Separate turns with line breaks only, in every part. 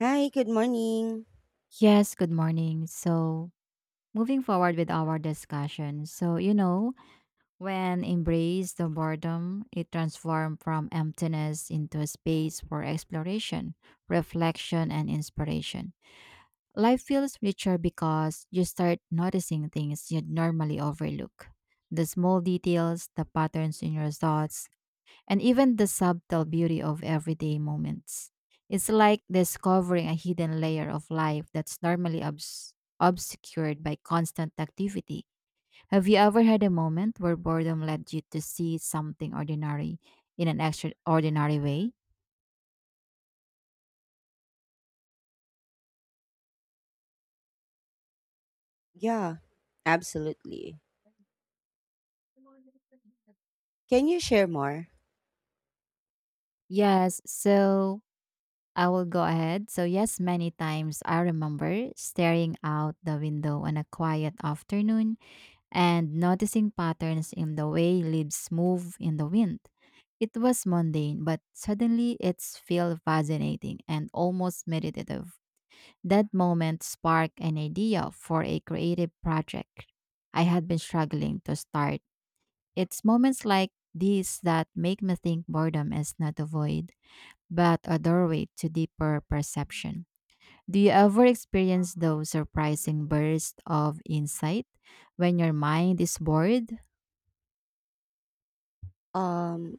Hi, good morning.
Yes, good morning. Moving forward with our discussion. When embrace the boredom, it transforms from emptiness into a space for exploration, reflection, and inspiration. Life feels richer because you start noticing things you'd normally overlook. The small details, the patterns in your thoughts, and even the subtle beauty of everyday moments. It's like discovering a hidden layer of life that's normally obscured by constant activity. Have you ever had a moment where boredom led you to see something ordinary in an extraordinary way?
Yeah, absolutely. Can you share more?
Yes, so I will go ahead. So, yes, many times I remember staring out the window on a quiet afternoon and noticing patterns in the way leaves move in the wind. It was mundane, but suddenly it felt fascinating and almost meditative. That moment sparked an idea for a creative project I had been struggling to start. It's moments like these that make me think boredom is not a void, but a doorway to deeper perception. Do you ever experience those surprising bursts of insight when your mind is bored?
Um,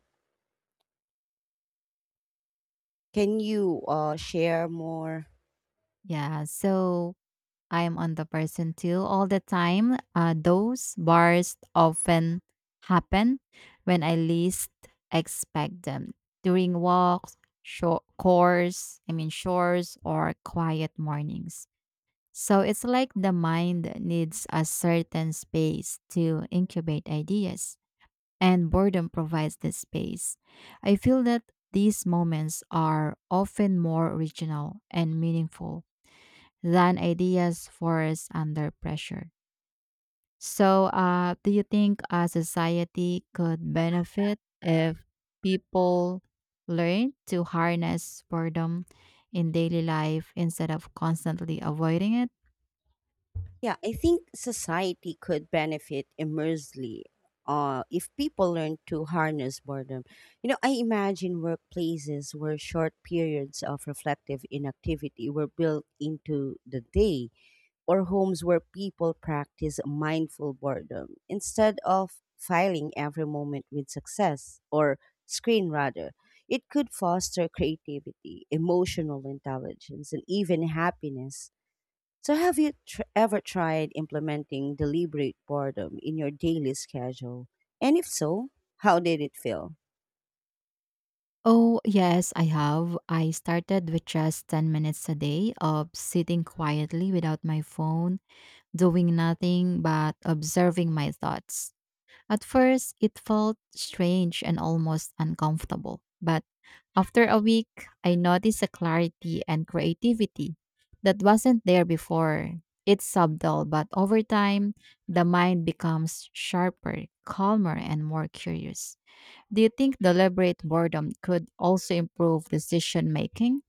can you share more?
Yeah, so I'm on the person too all the time. Those bursts often happen when I least expect them during walks, short course, I mean shores or quiet mornings. So it's like the mind needs a certain space to incubate ideas. And boredom provides the space. I feel that these moments are often more original and meaningful than ideas forced under pressure. So do you think a society could benefit if people learn to harness boredom in daily life instead of constantly avoiding it?
Yeah, I think society could benefit immensely if people learn to harness boredom. You know, I imagine workplaces where short periods of reflective inactivity were built into the day, or homes where people practice mindful boredom instead of filing every moment with success or screen rather. It could foster creativity, emotional intelligence, and even happiness. So have you ever tried implementing deliberate boredom in your daily schedule, and if so, how did it feel?
Oh, yes, I have. I started with just 10 minutes a day of sitting quietly without my phone doing nothing but observing my thoughts. At first, it felt strange and almost uncomfortable, but after a week, I noticed a clarity and creativity that wasn't there before. It's subtle, but over time, the mind becomes sharper, calmer, and more curious. Do you think deliberate boredom could also improve decision making?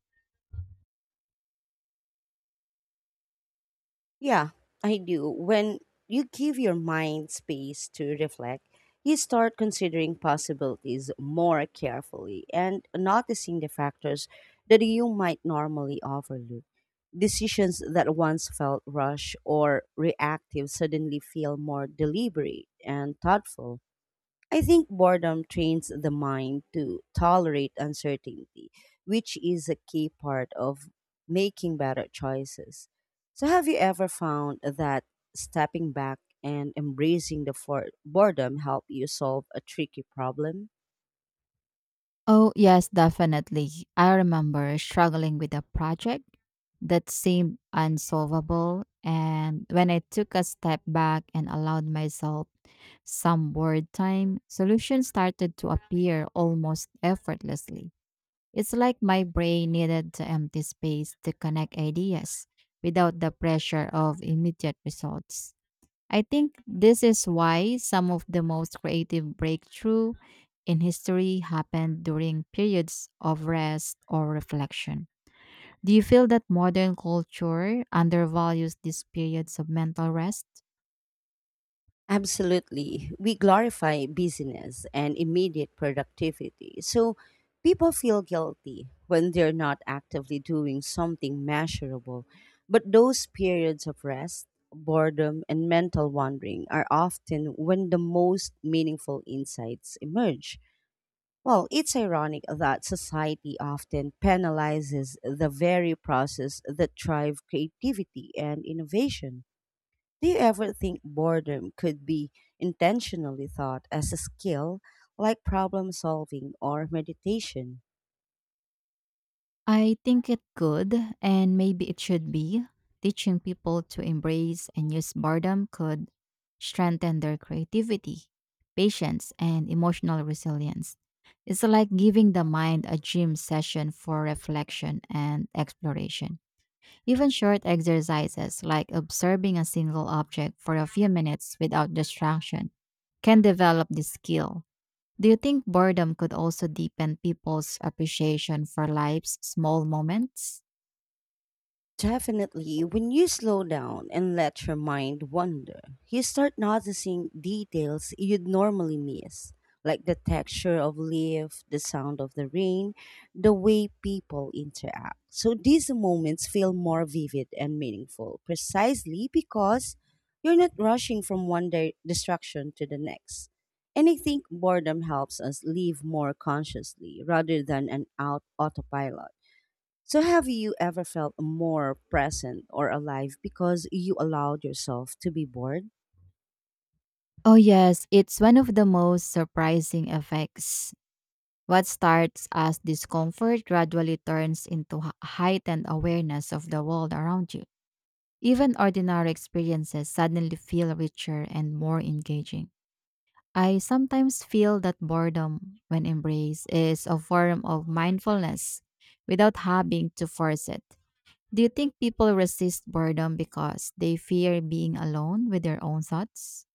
Yeah, I do. When you give your mind space to reflect, you start considering possibilities more carefully and noticing the factors that you might normally overlook. Decisions that once felt rushed or reactive suddenly feel more deliberate and thoughtful. I think boredom trains the mind to tolerate uncertainty, which is a key part of making better choices. So, have you ever found that stepping back and embracing the boredom help you solve a tricky problem?
Oh, yes, definitely. I remember struggling with a project that seemed unsolvable. And when I took a step back and allowed myself some board time, solutions started to appear almost effortlessly. It's like my brain needed to empty space to connect ideas without the pressure of immediate results. I think this is why some of the most creative breakthrough in history happened during periods of rest or reflection. Do you feel that modern culture undervalues these periods of mental rest?
Absolutely. We glorify busyness and immediate productivity. So people feel guilty when they're not actively doing something measurable. But those periods of rest, boredom, and mental wandering are often when the most meaningful insights emerge. Well, it's ironic that society often penalizes the very process that drive creativity and innovation. Do you ever think boredom could be intentionally thought as a skill like problem solving or meditation?
I think it could, and maybe it should be. Teaching people to embrace and use boredom could strengthen their creativity, patience, and emotional resilience. It's like giving the mind a gym session for reflection and exploration. Even short exercises like observing a single object for a few minutes without distraction can develop this skill. Do you think boredom could also deepen people's appreciation for life's small moments?
Definitely, when you slow down and let your mind wander, you start noticing details you'd normally miss, like the texture of leaf, the sound of the rain, the way people interact. So these moments feel more vivid and meaningful precisely because you're not rushing from one distraction to the next. And I think boredom helps us live more consciously rather than an out autopilot. So, have you ever felt more present or alive because you allowed yourself to be bored?
Oh, yes, it's one of the most surprising effects. What starts as discomfort gradually turns into heightened awareness of the world around you. Even ordinary experiences suddenly feel richer and more engaging. I sometimes feel that boredom, when embraced, is a form of mindfulness without having to force it. Do you think people resist boredom because they fear being alone with their own thoughts?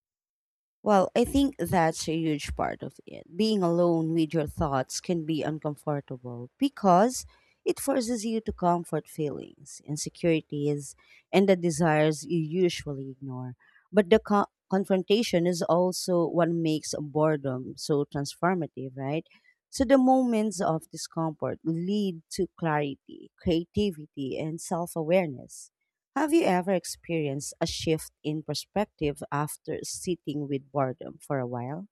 Well, I think that's a huge part of it. Being alone with your thoughts can be uncomfortable because it forces you to comfort feelings, insecurities, and the desires you usually ignore. But the confrontation is also what makes boredom so transformative, right? So the moments of discomfort lead to clarity, creativity, and self awareness. Have you ever experienced a shift in perspective after sitting with boredom for a while?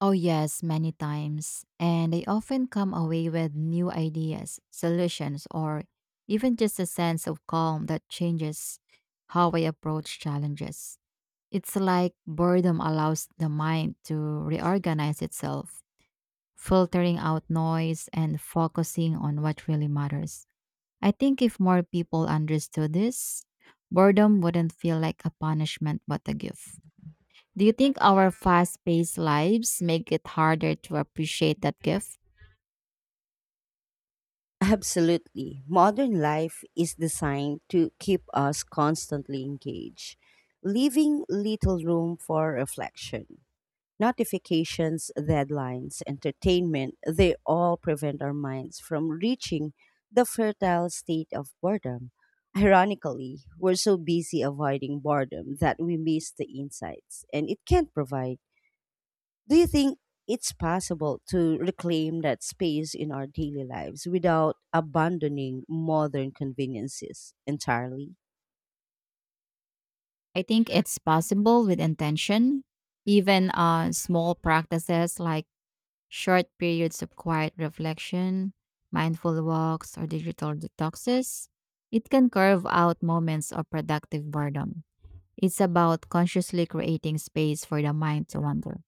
Oh, yes, many times. And they often come away with new ideas, solutions, or even just a sense of calm that changes how I approach challenges. It's like boredom allows the mind to reorganize itself, filtering out noise and focusing on what really matters. I think if more people understood this, boredom wouldn't feel like a punishment but a gift. Do you think our fast paced lives make it harder to appreciate that gift?
Absolutely. Modern life is designed to keep us constantly engaged, leaving little room for reflection. Notifications, deadlines, entertainment, they all prevent our minds from reaching the fertile state of boredom. Ironically, we're so busy avoiding boredom that we miss the insights and it can provide. Do you think it's possible to reclaim that space in our daily lives without abandoning modern conveniences entirely?
I think it's possible with intention. Even small practices like short periods of quiet reflection, mindful walks, or digital detoxes, it can carve out moments of productive boredom. It's about consciously creating space for the mind to wander.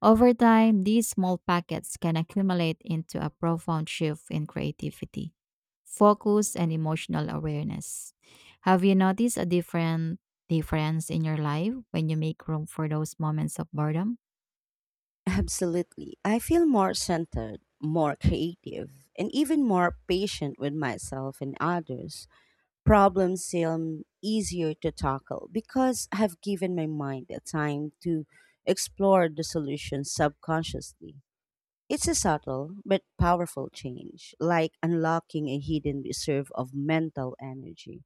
Over time, these small packets can accumulate into a profound shift in creativity, focus, and emotional awareness. Have you noticed a different difference in your life when you make room for those moments of boredom?
Absolutely. I feel more centered, more creative, and even more patient with myself and others. Problems seem easier to tackle because I've given my mind the time to explore the solutions subconsciously. It's a subtle but powerful change, like unlocking a hidden reserve of mental energy.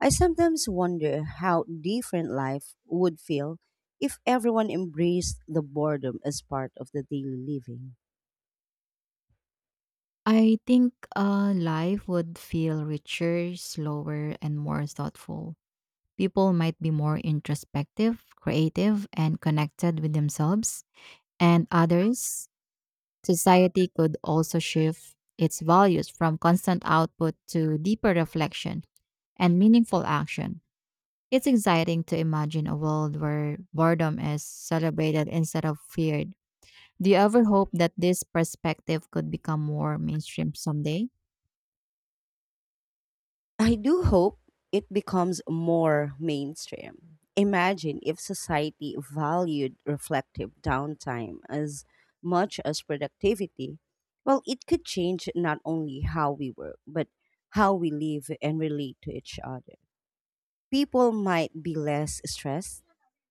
I sometimes wonder how different life would feel if everyone embraced the boredom as part of the daily living.
I think life would feel richer, slower, and more thoughtful. People might be more introspective, creative, and connected with themselves and others. Society could also shift its values from constant output to deeper reflection and meaningful action. It's exciting to imagine a world where boredom is celebrated instead of feared. Do you ever hope that this perspective could become more mainstream someday?
I do hope it becomes more mainstream. Imagine if society valued reflective downtime as much as productivity. Well, it could change not only how we work, but how we live and relate to each other. People might be less stressed,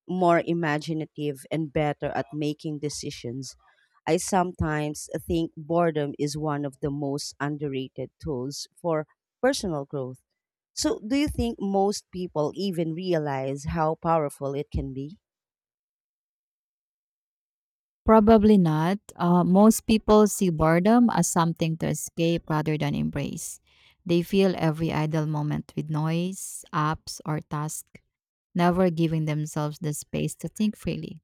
more imaginative, and better at making decisions. I sometimes think boredom is one of the most underrated tools for personal growth. So, do you think most people even realize how powerful it can be?
Probably not. Most people see boredom as something to escape rather than embrace. They fill every idle moment with noise, apps, or tasks, never giving themselves the space to think freely.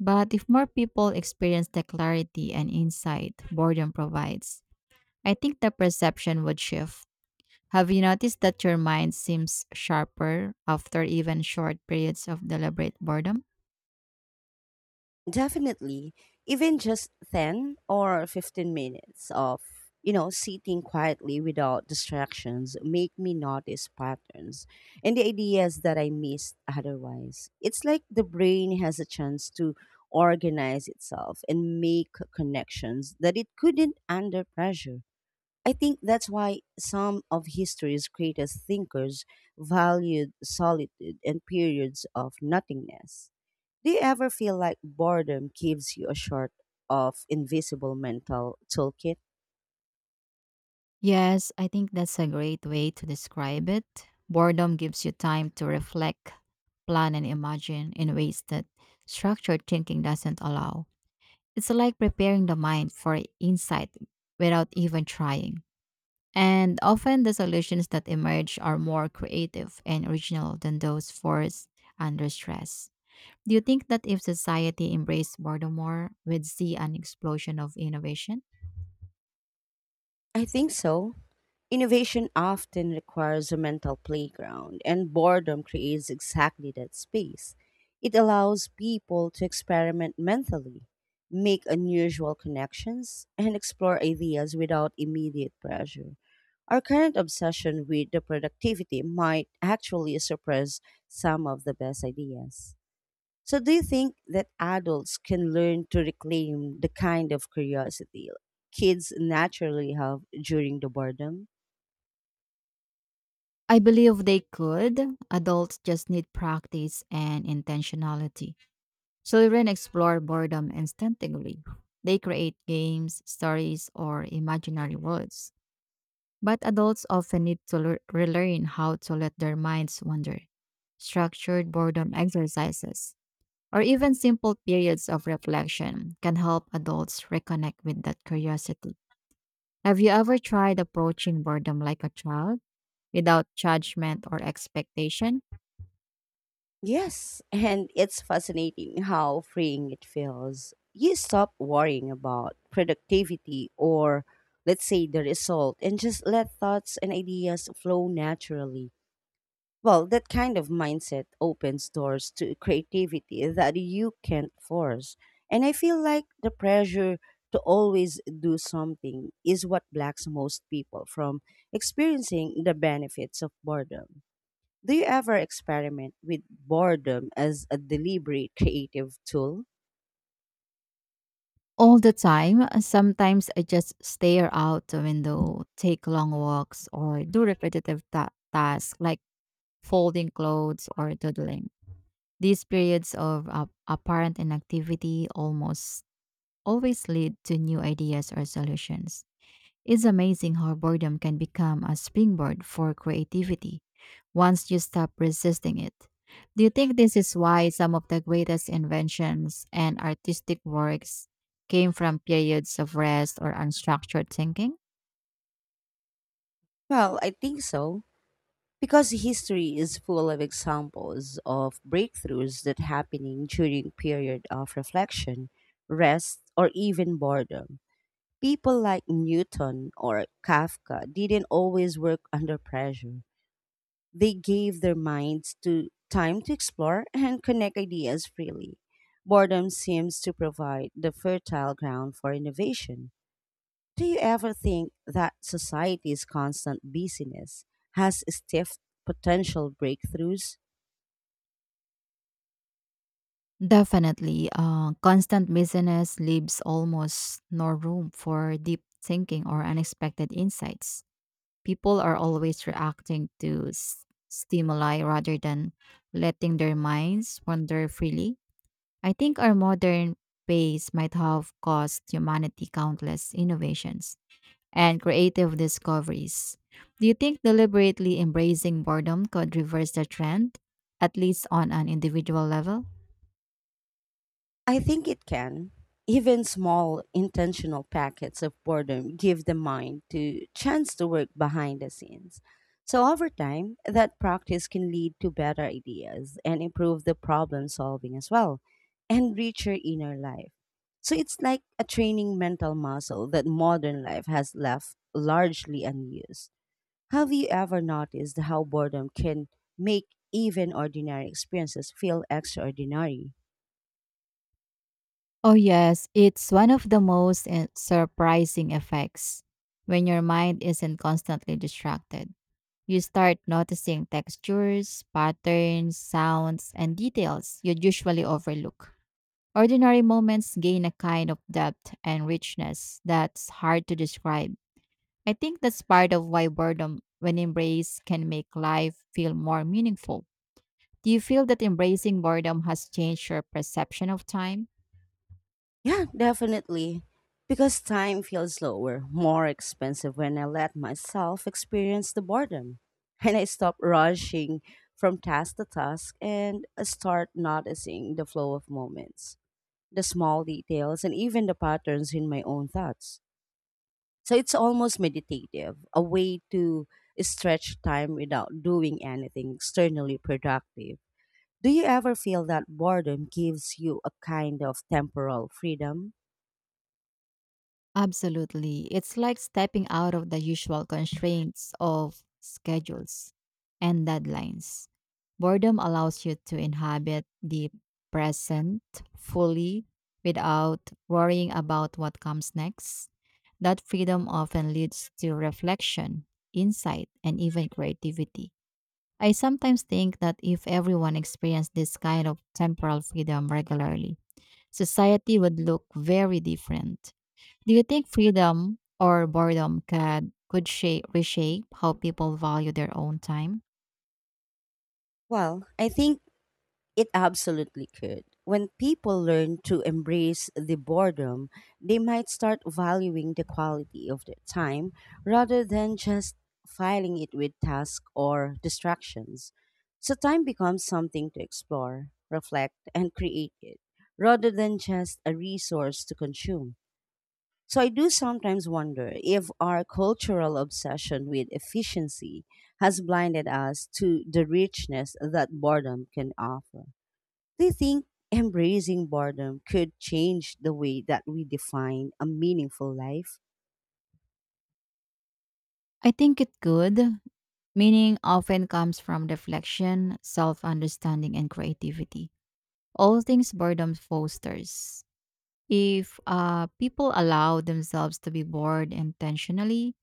But if more people experience the clarity and insight boredom provides, I think the perception would shift. Have you noticed that your mind seems sharper after even short periods of deliberate boredom?
Definitely, even just 10 or 15 minutes of, you know, sitting quietly without distractions make me notice patterns and the ideas that I missed otherwise. It's like the brain has a chance to organize itself and make connections that it couldn't under pressure. I think that's why some of history's greatest thinkers valued solitude and periods of nothingness. Do you ever feel like boredom gives you a sort of invisible mental toolkit?
Yes, I think that's a great way to describe it. Boredom gives you time to reflect, plan, and imagine in ways that structured thinking doesn't allow. It's like preparing the mind for insight without even trying. And often the solutions that emerge are more creative and original than those forced under stress. Do you think that if society embraced boredom more, we'd see an explosion of innovation?
I think so. Innovation often requires a mental playground, and boredom creates exactly that space. It allows people to experiment mentally, make unusual connections, and explore ideas without immediate pressure. Our current obsession with the productivity might actually suppress some of the best ideas. So, do you think that adults can learn to reclaim the kind of curiosity kids naturally have during the boredom?
I believe they could. Adults just need practice and intentionality. Children explore boredom instinctively. They create games, stories, or imaginary worlds. But adults often need to relearn how to let their minds wander. Structured boredom exercises, or even simple periods of reflection, can help adults reconnect with that curiosity. Have you ever tried approaching boredom like a child without judgment or expectation?
Yes, and it's fascinating how freeing it feels. You stop worrying about productivity or, let's say, the result and just let thoughts and ideas flow naturally. Well, that kind of mindset opens doors to creativity that you can't force. And I feel like the pressure to always do something is what blocks most people from experiencing the benefits of boredom. Do you ever experiment with boredom as a deliberate creative tool?
All the time, sometimes I just stare out the window, take long walks, or do repetitive tasks like folding clothes or doodling. These periods of apparent inactivity almost always lead to new ideas or solutions. It's amazing how boredom can become a springboard for creativity once you stop resisting it. Do you think this is why some of the greatest inventions and artistic works came from periods of rest or unstructured thinking?
Well, I think so, because history is full of examples of breakthroughs that happening during period of reflection, rest, or even boredom. People like Newton or Kafka didn't always work under pressure. They gave their minds to time to explore and connect ideas freely. Boredom seems to provide the fertile ground for innovation. Do you ever think that society's constant busyness has stiffed potential breakthroughs?
Definitely, constant busyness leaves almost no room for deep thinking or unexpected insights. People are always reacting to stimuli rather than letting their minds wander freely. I think our modern pace might have cost humanity countless innovations and creative discoveries. Do you think deliberately embracing boredom could reverse the trend, at least on an individual level?
I think it can. Even small intentional packets of boredom give the mind to chance to work behind the scenes. So over time, that practice can lead to better ideas and improve the problem solving as well and richer inner life. So it's like a training mental muscle that modern life has left largely unused. Have you ever noticed how boredom can make even ordinary experiences feel extraordinary?
Oh, yes, it's one of the most surprising effects when your mind isn't constantly distracted. You start noticing textures, patterns, sounds, and details you'd usually overlook. Ordinary moments gain a kind of depth and richness that's hard to describe. I think that's part of why boredom, when embraced, can make life feel more meaningful. Do you feel that embracing boredom has changed your perception of time?
Yeah, definitely. Because time feels slower, more expensive when I let myself experience the boredom. And I stop rushing from task to task and start noticing the flow of moments, the small details, and even the patterns in my own thoughts. So it's almost meditative, a way to stretch time without doing anything externally productive. Do you ever feel that boredom gives you a kind of temporal freedom?
Absolutely. It's like stepping out of the usual constraints of schedules and deadlines. Boredom allows you to inhabit the present fully without worrying about what comes next. That freedom often leads to reflection, insight, and even creativity. I sometimes think that if everyone experienced this kind of temporal freedom regularly, society would look very different. Do you think freedom or boredom could shape reshape how people value their own time?
Well, I think it absolutely could. When people learn to embrace the boredom, they might start valuing the quality of their time rather than just filing it with tasks or distractions. So time becomes something to explore, reflect, and create it rather than just a resource to consume. So I do sometimes wonder if our cultural obsession with efficiency has blinded us to the richness that boredom can offer. Do you think embracing boredom could change the way that we define a meaningful life?
I think it could. Meaning often comes from reflection, self-understanding, and creativity. All things boredom fosters. If people allow themselves to be bored intentionally,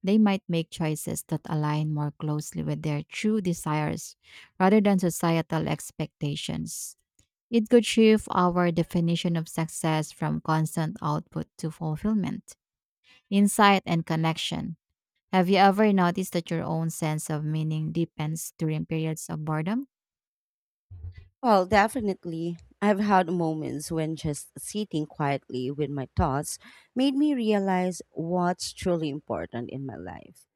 they might make choices that align more closely with their true desires rather than societal expectations. It could shift our definition of success from constant output to fulfillment, insight, and connection. Have you ever noticed that your own sense of meaning deepens during periods of boredom?
Well, definitely. I've had moments when just sitting quietly with my thoughts made me realize what's truly important in my life.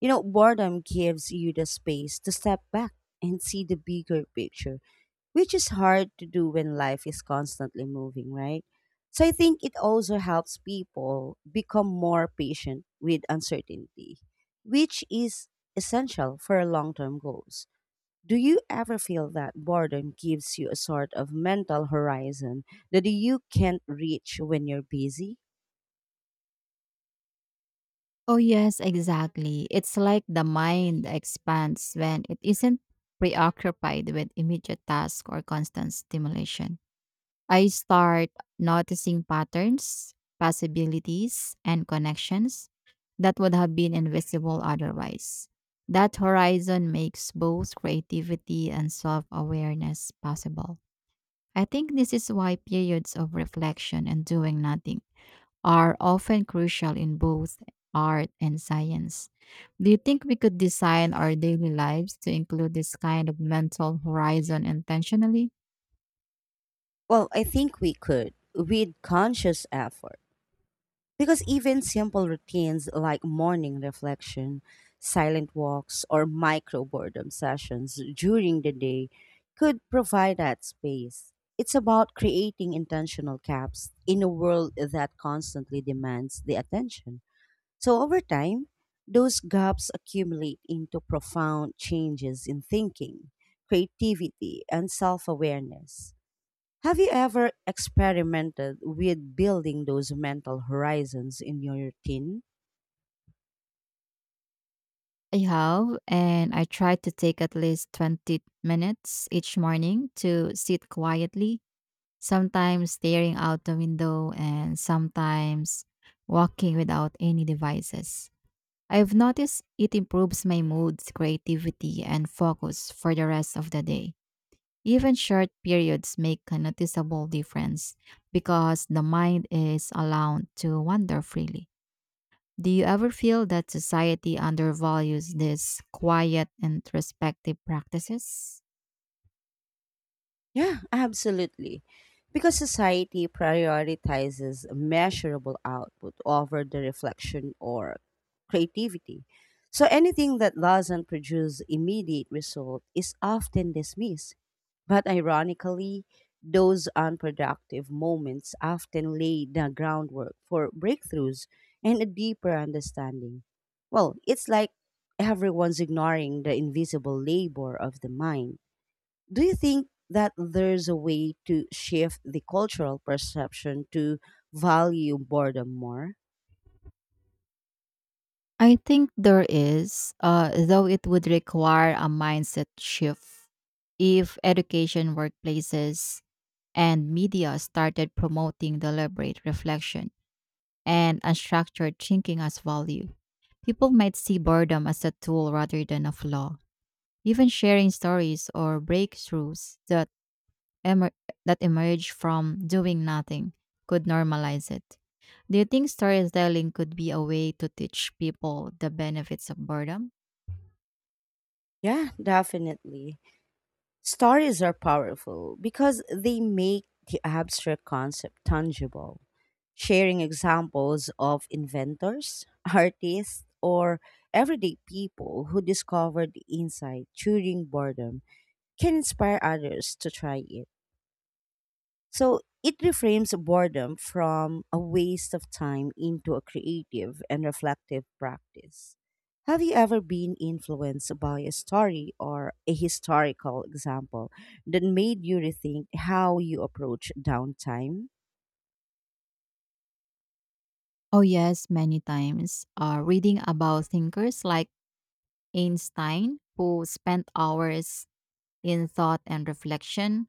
You know, boredom gives you the space to step back and see the bigger picture, which is hard to do when life is constantly moving, right? So I think it also helps people become more patient with uncertainty, which is essential for long term goals. Do you ever feel that boredom gives you a sort of mental horizon that you can't reach when you're busy?
Oh, yes, exactly. It's like the mind expands when it isn't preoccupied with immediate tasks or constant stimulation. I start noticing patterns, possibilities, and connections that would have been invisible otherwise. That horizon makes both creativity and self awareness possible. I think this is why periods of reflection and doing nothing are often crucial in both art and science. Do you think we could design our daily lives to include this kind of mental horizon intentionally?
Well, I think we could with conscious effort. Because even simple routines like morning reflection, silent walks, or micro boredom sessions during the day could provide that space. It's about creating intentional gaps in a world that constantly demands the attention. So, over time, those gaps accumulate into profound changes in thinking, creativity, and self awareness. Have you ever experimented with building those mental horizons in your routine?
I have, and I try to take at least 20 minutes each morning to sit quietly, sometimes staring out the window and sometimes walking without any devices. I've noticed it improves my mood, creativity, and focus for the rest of the day. Even short periods make a noticeable difference because the mind is allowed to wander freely. Do you ever feel that society undervalues these quiet introspective practices?
Yeah, absolutely. Because society prioritizes measurable output over the reflection or creativity. So anything that doesn't produce immediate result is often dismissed. But ironically, those unproductive moments often lay the groundwork for breakthroughs and a deeper understanding. Well, it's like everyone's ignoring the invisible labor of the mind. Do you think that there's a way to shift the cultural perception to value boredom more?
I think there is, though it would require a mindset shift. If education, workplaces, and media started promoting deliberate reflection and unstructured thinking as value, people might see boredom as a tool rather than a flaw. Even sharing stories or breakthroughs that emer- that emerge from doing nothing could normalize it. Do you think storytelling could be a way to teach people the benefits of boredom?
Yeah, definitely. Stories are powerful because they make the abstract concept tangible. Sharing examples of inventors, artists, or everyday people who discovered insight during boredom can inspire others to try it. So it reframes boredom from a waste of time into a creative and reflective practice. Have you ever been influenced by a story or a historical example that made you rethink how you approach downtime?
Oh, yes, many times. Reading about thinkers like Einstein, who spent hours in thought and reflection,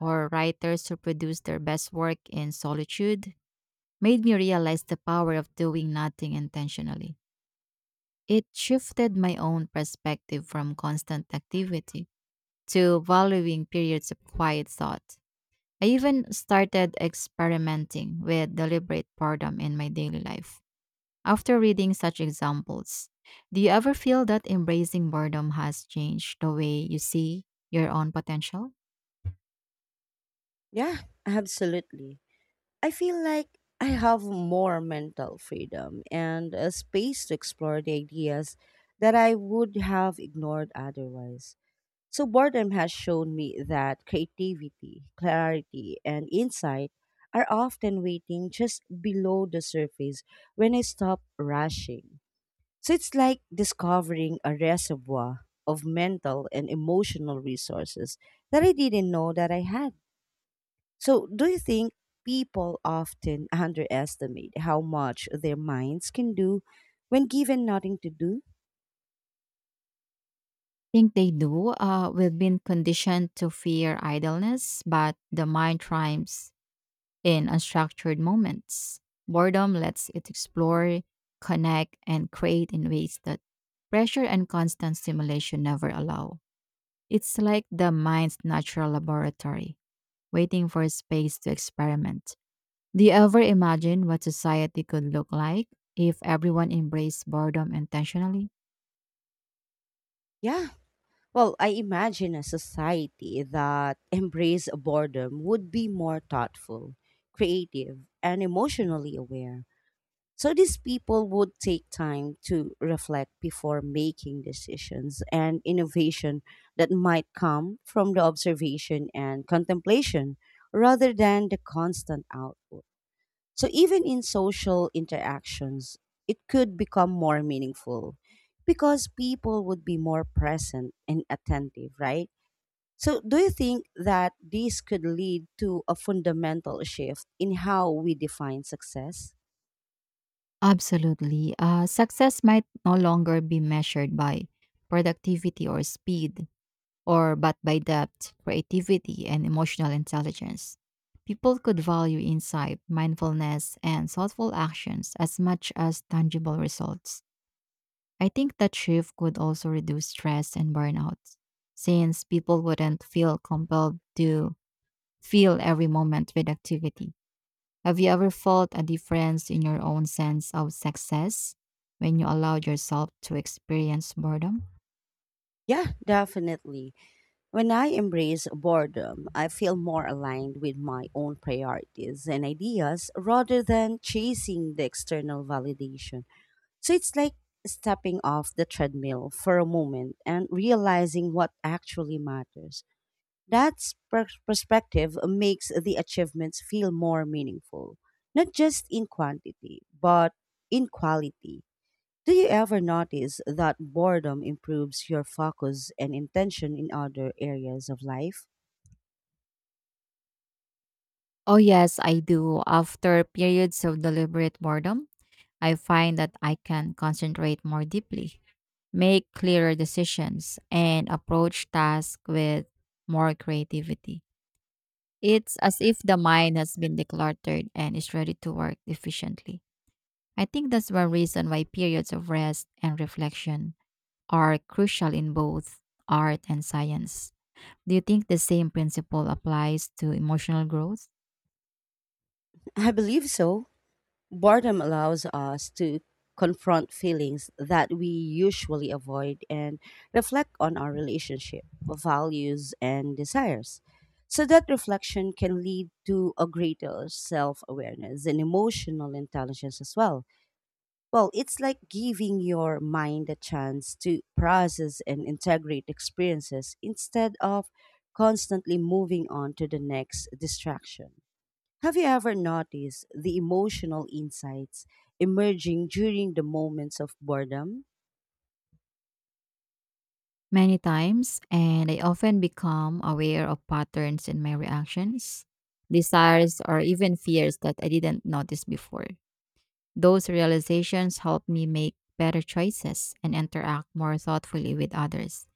or writers who produce their best work in solitude, made me realize the power of doing nothing intentionally. It shifted my own perspective from constant activity to valuing periods of quiet thought. I even started experimenting with deliberate boredom in my daily life after reading such examples. Do you ever feel that embracing boredom has changed the way you see your own potential?
Yeah, absolutely. I feel like I have more mental freedom and a space to explore the ideas that I would have ignored otherwise. So boredom has shown me that creativity, clarity, and insight are often waiting just below the surface when I stop rushing. So it's like discovering a reservoir of mental and emotional resources that I didn't know that I had. So do you think people often underestimate how much their minds can do when given nothing to do?
Think they do. We've been conditioned to fear idleness, but the mind thrives in unstructured moments. Boredom lets it explore, connect, and create in ways that pressure and constant stimulation never allow. It's like the mind's natural laboratory, waiting for space to experiment. Do you ever imagine what society could look like if everyone embraced boredom intentionally?
Yeah. Well, I imagine a society that embraced boredom would be more thoughtful, creative, and emotionally aware. So these people would take time to reflect before making decisions and innovation that might come from the observation and contemplation rather than the constant output. So even in social interactions, it could become more meaningful because people would be more present and attentive, right? So do you think that this could lead to a fundamental shift in how we define success?
Absolutely. Success might no longer be measured by productivity or speed, or but by depth, creativity, and emotional intelligence. People could value insight, mindfulness, and thoughtful actions as much as tangible results. I think that shift could also reduce stress and burnout, since people wouldn't feel compelled to fill every moment with activity. Have you ever felt a difference in your own sense of success when you allowed yourself to experience boredom?
Yeah, definitely. When I embrace boredom, I feel more aligned with my own priorities and ideas rather than chasing the external validation. So it's like stepping off the treadmill for a moment and realizing what actually matters. That perspective makes the achievements feel more meaningful, not just in quantity, but in quality. Do you ever notice that boredom improves your focus and intention in other areas of life?
Oh, yes, I do. After periods of deliberate boredom, I find that I can concentrate more deeply, make clearer decisions, and approach tasks with more creativity. It's as if the mind has been decluttered and is ready to work efficiently. I think that's one reason why periods of rest and reflection are crucial in both art and science. Do you think the same principle applies to emotional growth?
I believe so. Boredom allows us to confront feelings that we usually avoid and reflect on our relationship, values, and desires. So that reflection can lead to a greater self awareness and emotional intelligence as well. Well, it's like giving your mind a chance to process and integrate experiences instead of constantly moving on to the next distraction. Have you ever noticed the emotional insights emerging during the moments of boredom?
Many times, and I often become aware of patterns in my reactions, desires, or even fears that I didn't notice before. Those realizations help me make better choices and interact more thoughtfully with others.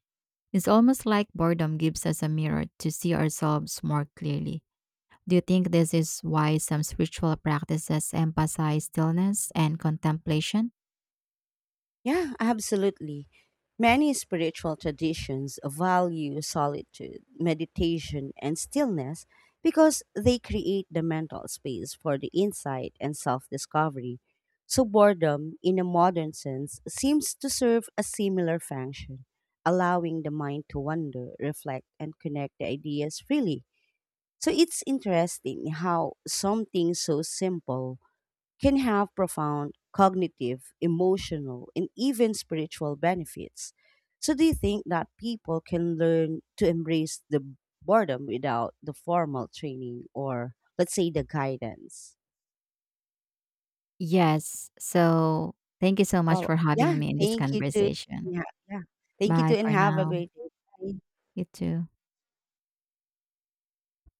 It's almost like boredom gives us a mirror to see ourselves more clearly. Do you think this is why some spiritual practices emphasize stillness and contemplation?
Yeah, absolutely. Many spiritual traditions value solitude, meditation, and stillness because they create the mental space for the insight and self discovery. So, boredom, in a modern sense, seems to serve a similar function, allowing the mind to wander, reflect, and connect the ideas freely. So it's interesting how something so simple can have profound cognitive, emotional, and even spiritual benefits. So do you think that people can learn to embrace the boredom without the formal training or let's say the guidance?
Yes. So, thank you so much
Well,
for having
yeah,
me in this
thank you to,
conversation.
yeah, yeah. Thank you
Bye
to and
for
have a
now.
great day. Bye.
You too.